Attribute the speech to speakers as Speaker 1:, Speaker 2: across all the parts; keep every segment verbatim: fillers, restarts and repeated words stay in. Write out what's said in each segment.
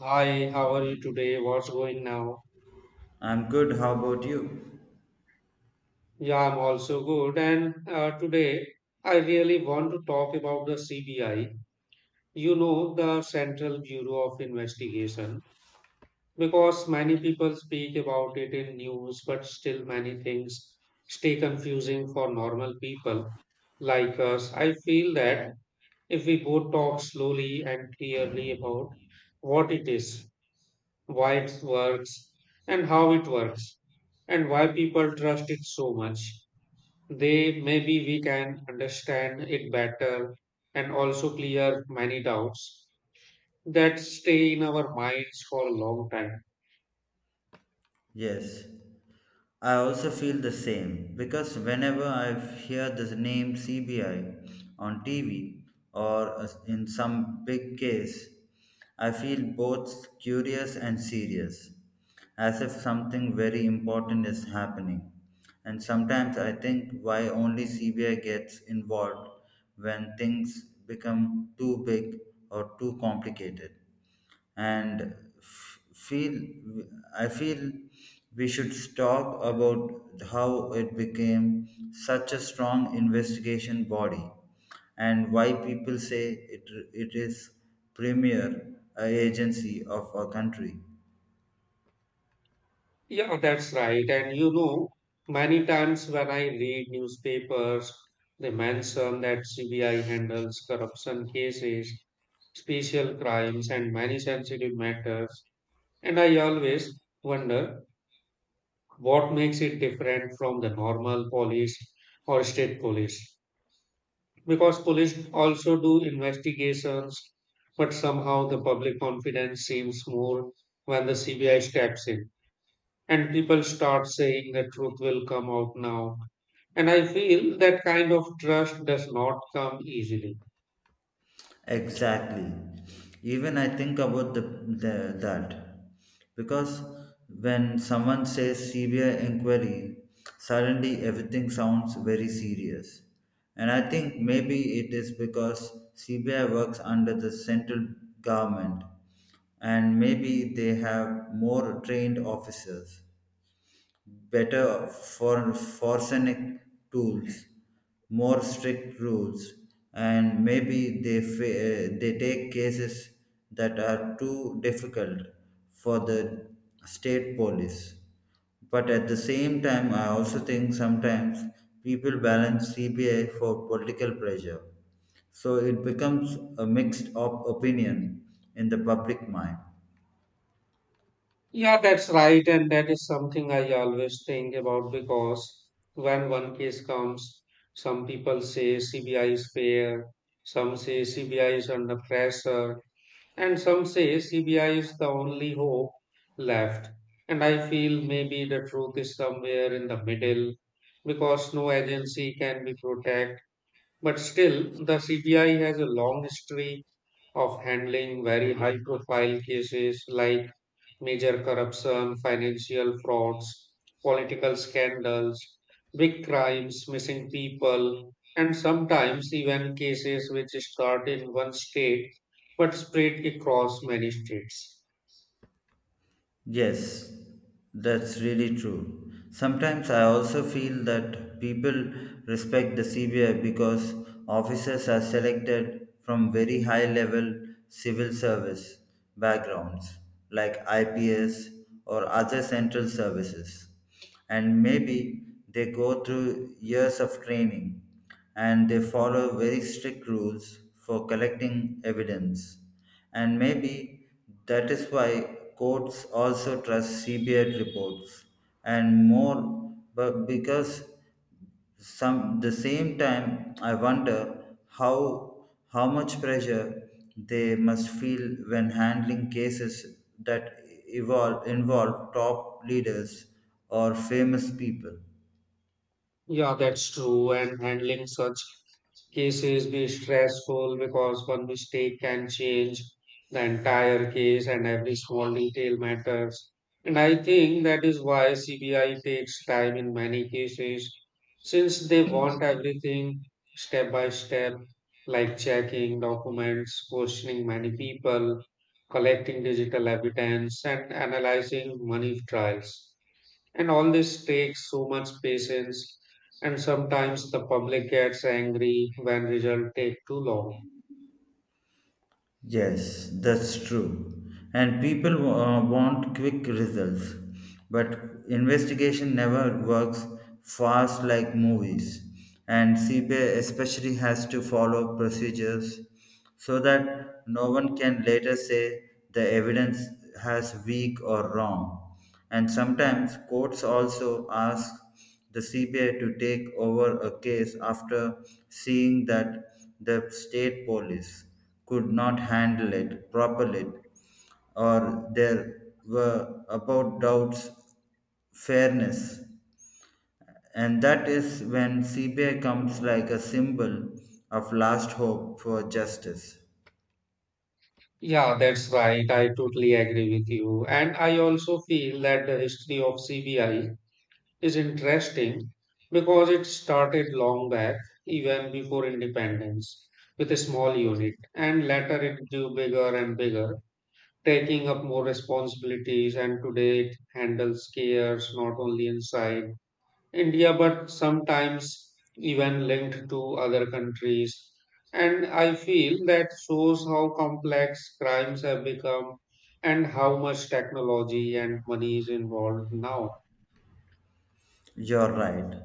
Speaker 1: Hi, how are you today? What's going now?
Speaker 2: I'm good. How about you?
Speaker 1: Yeah, I'm also good. And uh, today I really want to talk about the C B I, you know, the Central Bureau of Investigation, because many people speak about it in news, but still many things stay confusing for normal people like us. I feel that if we both talk slowly and clearly about what it is, why it works and how it works and why people trust it so much they maybe we can understand it better and also clear many doubts that stay in our minds for a long time.
Speaker 2: Yes, I also feel the same because whenever I hear the name C B I on T V or as- in some big case, I feel both curious and serious, as if something very important is happening. And sometimes I think why only C B I gets involved when things become too big or too complicated and f- feel I feel we should talk about how it became such a strong investigation body and why people say it, it is premier uh, agency of a country.
Speaker 1: Yeah, that's right. And you know, many times when I read newspapers they mention that cbi handles corruption cases, special crimes and many sensitive matters, and I always wonder what makes it different from the normal police or state police? Because police also do investigations, but somehow the public confidence seems more when the C B I steps in. And people start saying the truth will come out now. And I feel that kind of trust does not come easily.
Speaker 2: Exactly. Even I think about the, the that because when someone says C B I inquiry, suddenly everything sounds very serious. And I think maybe it is because C B I works under the central government, and maybe they have more trained officers, better for forensic tools, more strict rules, and maybe they fa- uh, they take cases that are too difficult for the state police. But at the same time, I also think sometimes people balance C B I for political pressure. So it becomes a mixed op- opinion in the public mind.
Speaker 1: Yeah, that's right. And that is something I always think about, because when one case comes, some people say C B I is fair, some say C B I is under pressure, and some say C B I is the only hope left. And I feel maybe the truth is somewhere in the middle because no agency can be protected. But still, the C B I has a long history of handling very high profile cases like major corruption, financial frauds, political scandals, big crimes, missing people, and sometimes even cases which start in one state but spread across many states.
Speaker 2: Yes, that's really true. Sometimes I also feel that people respect the C B I because officers are selected from very high level civil service backgrounds like I P S or other central services, and maybe they go through years of training, and they follow very strict rules for collecting evidence, and maybe that is why courts also trust cbi reports and more. But because some the same time I wonder how how much pressure they must feel when handling cases that evolve, involve top leaders or famous people.
Speaker 1: Yeah, that's true. And handling such cases be stressful because one mistake can change the entire case and every small detail matters. And I think that is why C B I takes time in many cases, since they want everything step by step, like checking documents, questioning many people, collecting digital evidence, and analyzing money trials. And all this takes so much patience, and sometimes the public gets angry when results take too long.
Speaker 2: Yes, that's true. And people uh, want quick results, but investigation never works fast like movies. And C B I especially has to follow procedures so that no one can later say the evidence has weak or wrong. And sometimes courts also ask the C B I to take over a case after seeing that the state police could not handle it properly, or there were about doubts fairness, and that is when cbi comes like a symbol of last hope for justice.
Speaker 1: Yeah, that's right. I totally agree with you. And I also feel that the history of C B I is interesting because it started long back, even before independence, with a small unit. And later it grew bigger and bigger, taking up more responsibilities. And today it handles cares not only inside India, but sometimes even linked to other countries. And I feel that shows how complex crimes have become and how much technology and money is involved now.
Speaker 2: You're right.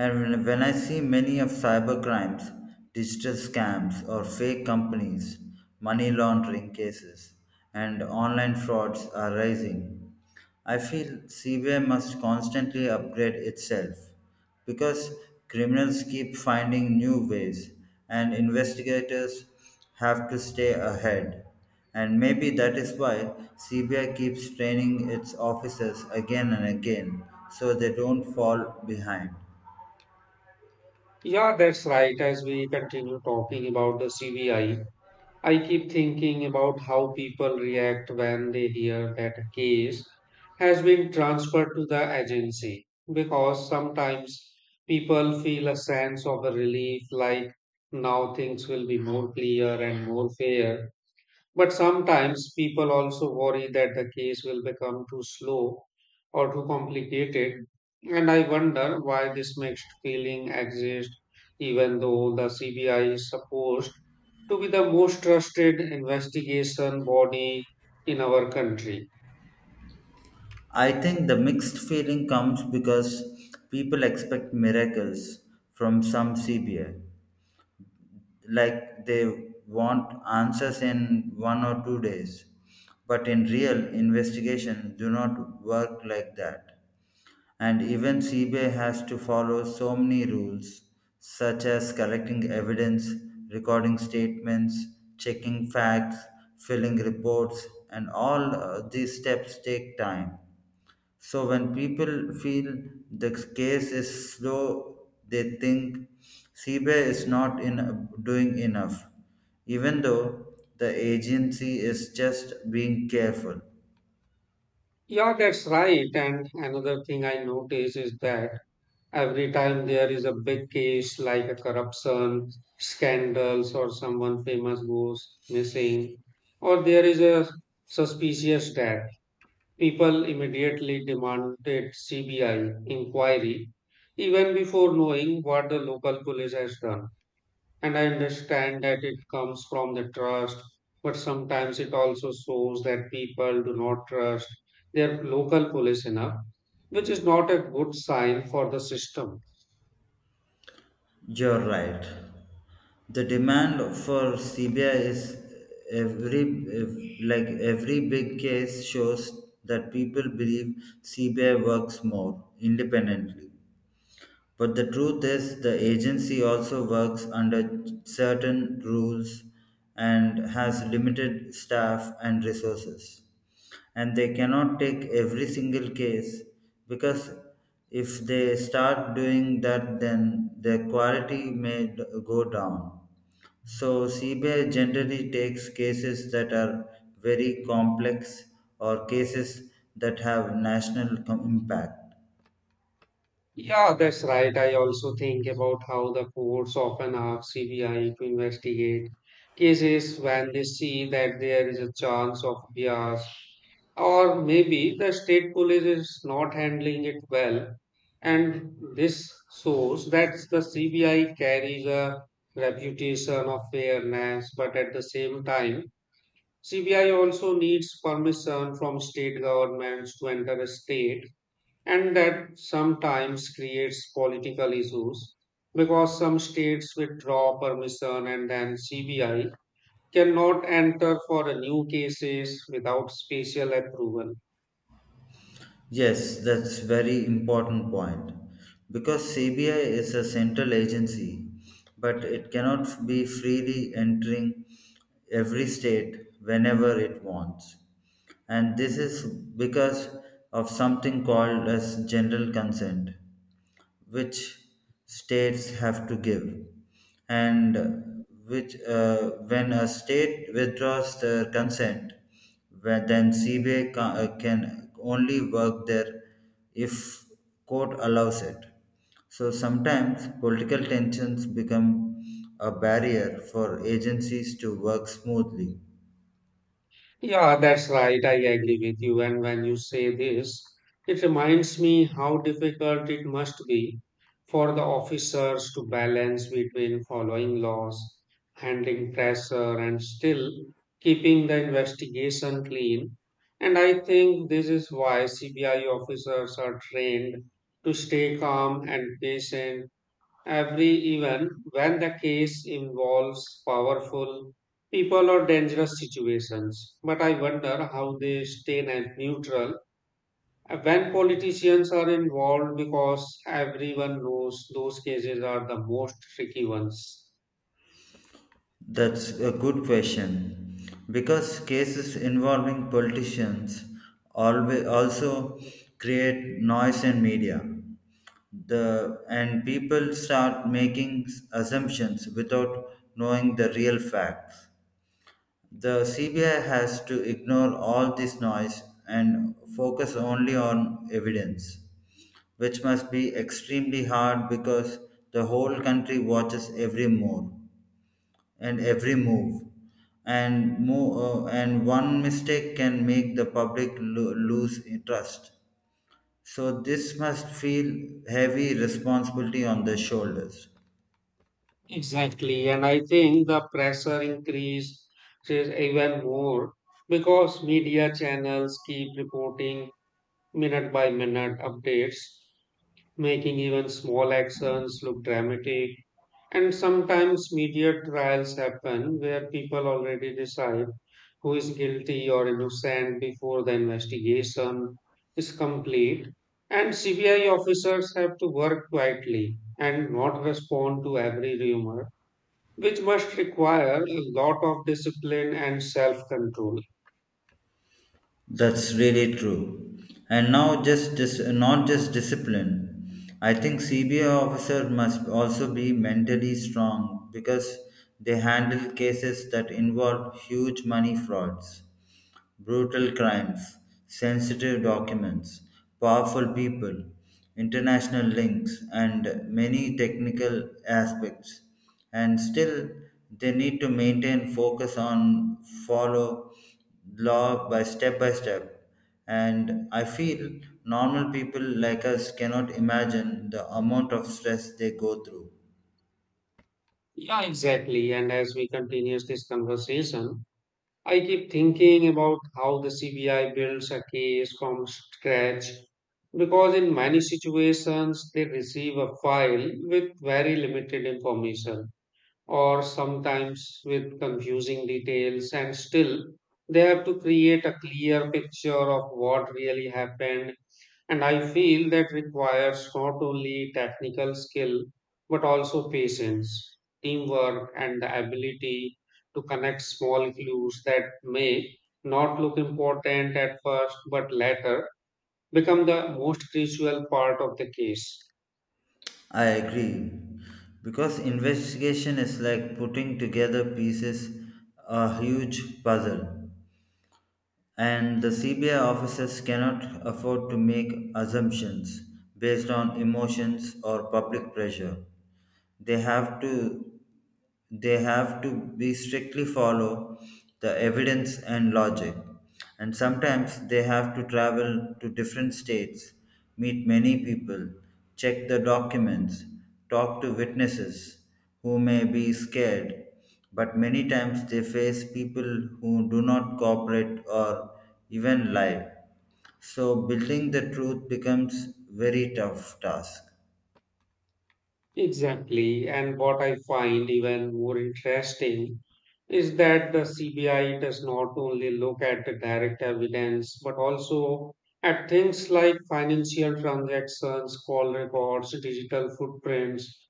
Speaker 2: And when when I see many of cyber crimes, digital scams or fake companies, money laundering cases, and online frauds are rising, I feel C B I must constantly upgrade itself because criminals keep finding new ways and investigators have to stay ahead. And maybe that is why C B I keeps training its officers again and again so they don't fall behind.
Speaker 1: Yeah, that's right. As we continue talking about the C B I, I keep thinking about how people react when they hear that a case has been transferred to the agency, because sometimes people feel a sense of a relief, like now things will be more clear and more fair. But sometimes people also worry that the case will become too slow or too complicated. And I wonder why this mixed feeling exists even though the C B I is supposed to be the most trusted investigation body in our country.
Speaker 2: I think the mixed feeling comes because people expect miracles from some C B I, like they want answers in one or two days, but in real investigations do not work like that, and even C B I has to follow so many rules, such as collecting evidence, recording statements, checking facts, filling reports, and all uh, these steps take time. So when people feel the case is slow, they think C B I is not in, doing enough, even though the agency is just being careful.
Speaker 1: Yeah, that's right. And another thing I notice is that every time there is a big case like a corruption, scandals, or someone famous goes missing, or there is a suspicious death, people immediately demanded C B I inquiry even before knowing what the local police has done. And I understand that it comes from the trust, but sometimes it also shows that people do not trust their local police enough, which is not a good sign for the system.
Speaker 2: You're right. The demand for C B I is every ev- like every big case shows that people believe C B I works more independently. But the truth is, the agency also works under certain rules and has limited staff and resources. And they cannot take every single case because if they start doing that, then the quality may d- go down. So, C B I generally takes cases that are very complex or cases that have national com- impact.
Speaker 1: Yeah, that's right. I also think about how the courts often ask C B I to investigate cases when they see that there is a chance of bias, or maybe the state police is not handling it well, and this shows that the C B I carries a reputation of fairness. But at the same time, C B I also needs permission from state governments to enter a state, and that sometimes creates political issues because some states withdraw permission and then C B I cannot enter for a new cases without special approval.
Speaker 2: Yes, that's very important point because C B I is a central agency but it cannot be freely entering every state whenever it wants. And this is because of something called as general consent, which states have to give, and which uh, when a state withdraws their consent, where then cba ca- uh, can only work there if court allows it. So sometimes political tensions become a barrier for agencies to work smoothly.
Speaker 1: Yeah, that's right. I agree with you. And when you say this, it reminds me how difficult it must be for the officers to balance between following laws, handling pressure, and still keeping the investigation clean. And I think this is why C B I officers are trained to stay calm and patient, every even when the case involves powerful people or dangerous situations. But I wonder how they stay ne- neutral uh, when politicians are involved because everyone knows those cases are the most tricky ones.
Speaker 2: That's a good question. Because cases involving politicians always also create noise in media. The and people start making assumptions without knowing the real facts. The C B I has to ignore all this noise and focus only on evidence, which must be extremely hard because the whole country watches every move and every move, and mo- uh, and one mistake can make the public lo- lose trust. So this must feel heavy responsibility on their shoulders.
Speaker 1: Exactly. And I think the pressure increases even more because media channels keep reporting minute by minute updates, making even small actions look dramatic. And sometimes media trials happen where people already decide who is guilty or innocent before the investigation is complete. And C B I officers have to work quietly and not respond to every rumor, which must require a lot of discipline and self control.
Speaker 2: That's really true. And now just dis- not just discipline. I think C B I officer must also be mentally strong because they handle cases that involve huge money frauds, brutal crimes, sensitive documents, powerful people, international links and many technical aspects, and still they need to maintain focus on follow law by step by step, and I feel normal people like us cannot imagine the amount of stress they go through.
Speaker 1: Yeah, exactly. And as we continue this conversation, I keep thinking about how the C B I builds a case from scratch, because in many situations they receive a file with very limited information or sometimes with confusing details, and still they have to create a clear picture of what really happened. And I feel that requires not only technical skill, but also patience, teamwork, and the ability to connect small clues that may not look important at first, but later become the most crucial part of the case.
Speaker 2: I agree. Because investigation is like putting together pieces a huge puzzle. And the C B I officers cannot afford to make assumptions based on emotions or public pressure. they have to they have to be strictly follow the evidence and logic, and sometimes they have to travel to different states, meet many people, check the documents, talk to witnesses who may be scared, but many times they face people who do not cooperate or even lie, so building the truth becomes very tough task.
Speaker 1: Exactly. And what I find even more interesting is that the C B I does not only look at the direct evidence, but also at things like financial transactions, call records, digital footprints,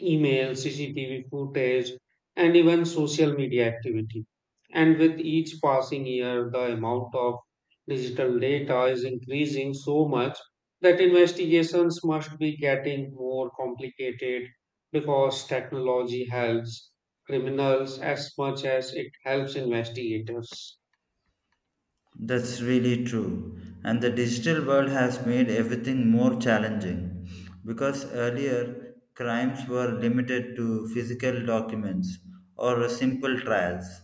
Speaker 1: email, C C T V footage, and even social media activity. And with each passing year, the amount of digital data is increasing so much that investigations must be getting more complicated because technology helps criminals as much as it helps investigators.
Speaker 2: That's really true. And the digital world has made everything more challenging because earlier crimes were limited to physical documents or simple trials.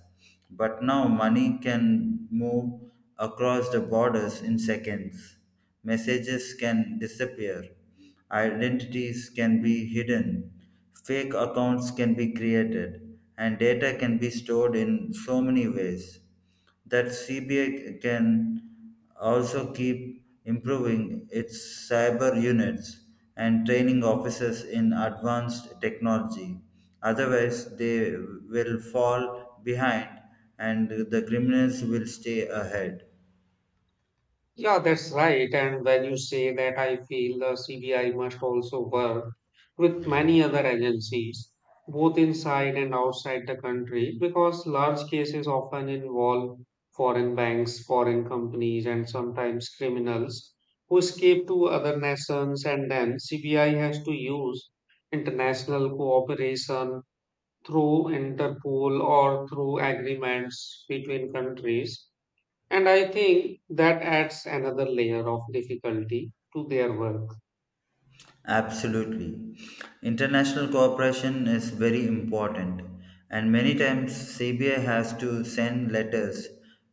Speaker 2: But now money can move across the borders in seconds. Messages can disappear. Identities can be hidden. Fake accounts can be created. And data can be stored in so many ways that C B I can also keep improving its cyber units and training officers in advanced technology. Otherwise, they will fall behind and the criminals will stay ahead.
Speaker 1: Yeah, that's right. And when you say that, I feel the C B I must also work with many other agencies, both inside and outside the country, because large cases often involve foreign banks, foreign companies, and sometimes criminals who escape to other nations. And then C B I has to use international cooperation through Interpol or through agreements between countries, and I think that adds another layer of difficulty to their work.
Speaker 2: Absolutely. International cooperation is very important, and many times C B I has to send letters,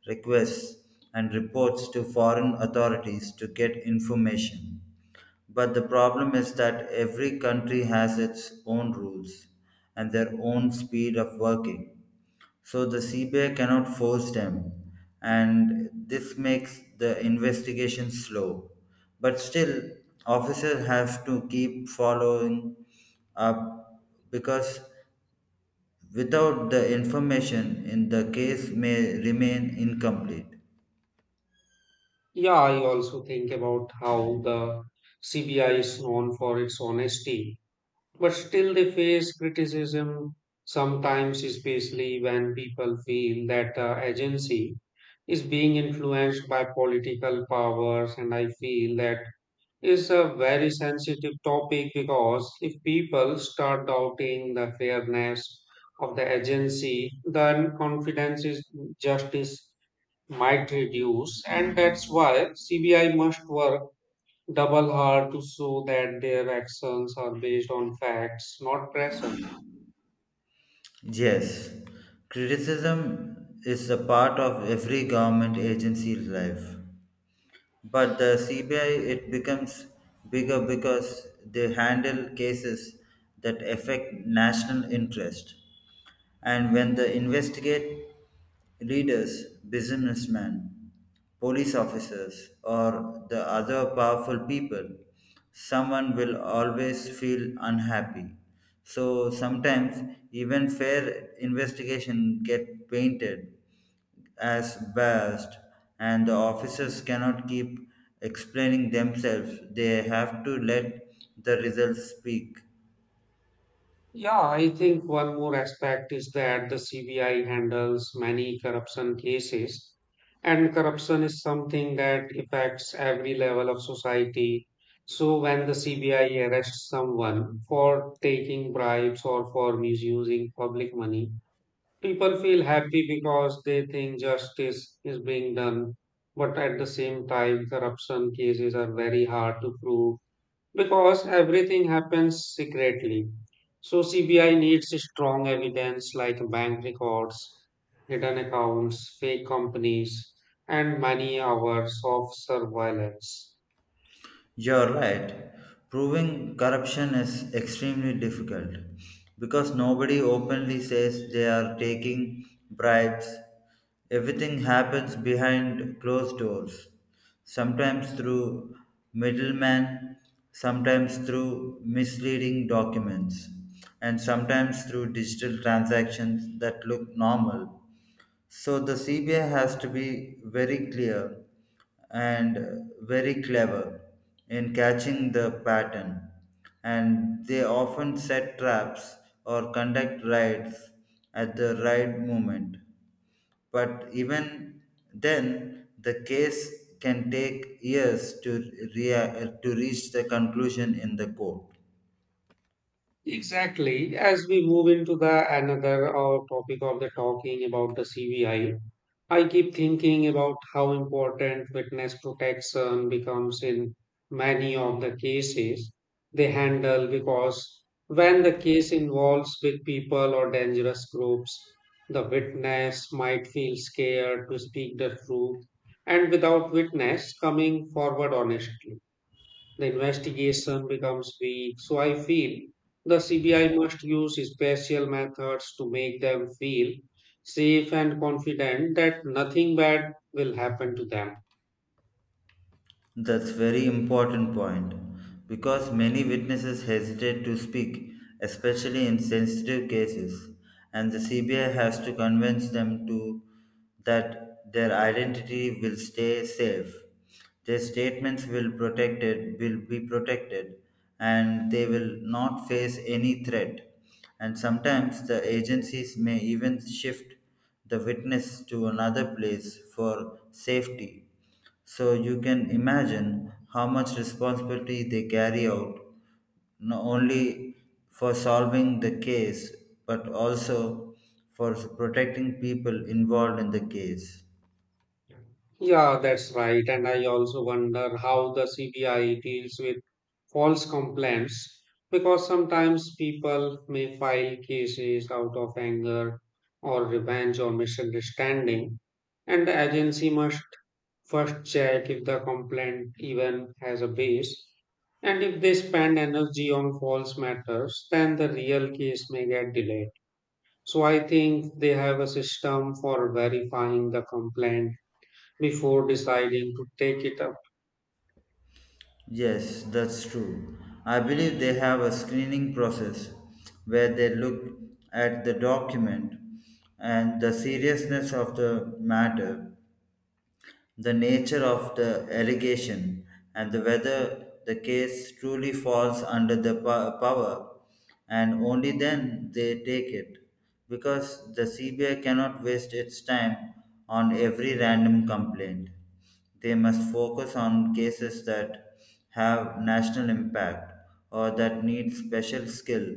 Speaker 2: requests, and reports to foreign authorities to get information. But the problem is that every country has its own rules and their own speed of working. So the C B I cannot force them, and this makes the investigation slow. But still, officers have to keep following up because without the information in the case may remain incomplete.
Speaker 1: Yeah, I also think about how the C B I is known for its honesty, but still they face criticism sometimes, especially when people feel that the agency is being influenced by political powers. And I feel that is a very sensitive topic, because if people start doubting the fairness of the agency, then confidence in justice might reduce, and that's why C B I must work double hard to show that their actions are based on facts, not pressure.
Speaker 2: Yes, criticism is a part of every government agency's life. But the C B I it becomes bigger because they handle cases that affect national interest. And when they investigate leaders, businessmen, police officers, or the other powerful people, someone will always feel unhappy. So sometimes even fair investigation get painted as best, and the officers cannot keep explaining themselves. They have to let the results speak.
Speaker 1: Yeah, I think one more aspect is that the C B I handles many corruption cases, and corruption is something that affects every level of society. So, when the C B I arrests someone for taking bribes or for misusing public money, people feel happy because they think justice is being done. But at the same time, corruption cases are very hard to prove because everything happens secretly. So C B I needs strong evidence like bank records, hidden accounts, fake companies, and many hours of surveillance.
Speaker 2: You're right. Proving corruption is extremely difficult because nobody openly says they are taking bribes. Everything happens behind closed doors, sometimes through middlemen, sometimes through misleading documents, and sometimes through digital transactions that look normal. So the C B I has to be very clear and very clever in catching the pattern, and they often set traps or conduct raids at the right moment. But even then, the case can take years to, rea- to reach the conclusion in the court.
Speaker 1: Exactly. As we move into the another uh, topic of the talking about the C B I, I I keep thinking about how important witness protection becomes in many of the cases they handle, because when the case involves big people or dangerous groups, the witness might feel scared to speak the truth, and without witness coming forward honestly the investigation becomes weak. So I feel the C B I must use special methods to make them feel safe and confident that nothing bad will happen to them.
Speaker 2: That's very important point because many witnesses hesitate to speak, especially in sensitive cases, and the C B I has to convince them to that their identity will stay safe. Their statements will protected will be protected and they will not face any threat. And sometimes the agencies may even shift the witness to another place for safety, so you can imagine how much responsibility they carry out, not only for solving the case, but also for protecting people involved in the case.
Speaker 1: Yeah, that's right. And I also wonder how the C B I deals with false complaints, because sometimes people may file cases out of anger or revenge or misunderstanding, and the agency must first check if the complaint even has a base. And if they spend energy on false matters, then the real case may get delayed. So I think they have a system for verifying the complaint before deciding to take it up.
Speaker 2: Yes, that's true. I believe they have a screening process where they look at the document and the seriousness of the matter, the nature of the allegation, and the whether the case truly falls under the po- power, and only then they take it, because the C B I cannot waste its time on every random complaint. They must focus on cases that have national impact or that need special skill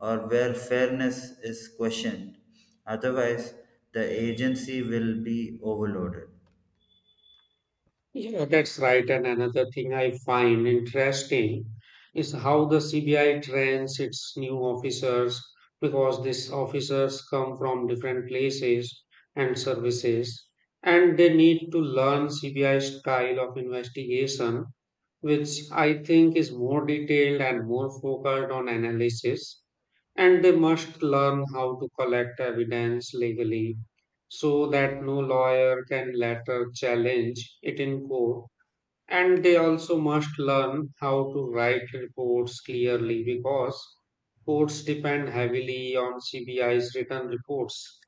Speaker 2: or where fairness is questioned. Otherwise, the agency will be overloaded.
Speaker 1: Yeah, that's right. And another thing I find interesting is how the C B I trains its new officers, because these officers come from different places and services and they need to learn C B I style of investigation, which I think is more detailed and more focused on analysis, and they must learn how to collect evidence legally so that no lawyer can later challenge it in court. And they also must learn how to write reports clearly because courts depend heavily on CBI's written reports.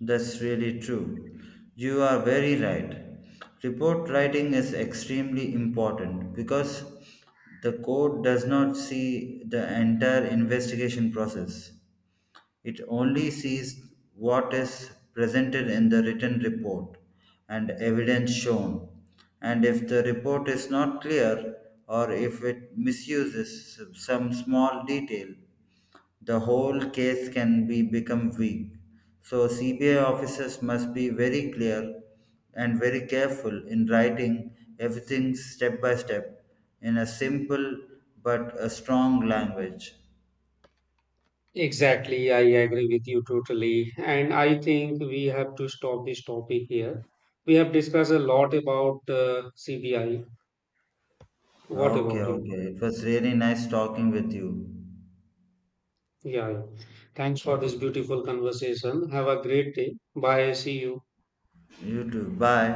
Speaker 2: That's really true. You are very right. Report writing is extremely important because the court does not see the entire investigation process. It only sees what is presented in the written report and evidence shown. And if the report is not clear or if it misuses some small detail, the whole case can be become weak. So C B I officers must be very clear and very careful in writing everything step by step in a simple but a strong language.
Speaker 1: Exactly, I agree with you totally. And I think we have to stop this topic here. We have discussed a lot about uh, C B I. What
Speaker 2: Okay,
Speaker 1: about you?
Speaker 2: okay. It was really nice talking with you.
Speaker 1: Yeah, yeah. Thanks for this beautiful conversation. Have a great day. Bye. See you.
Speaker 2: You too. Bye.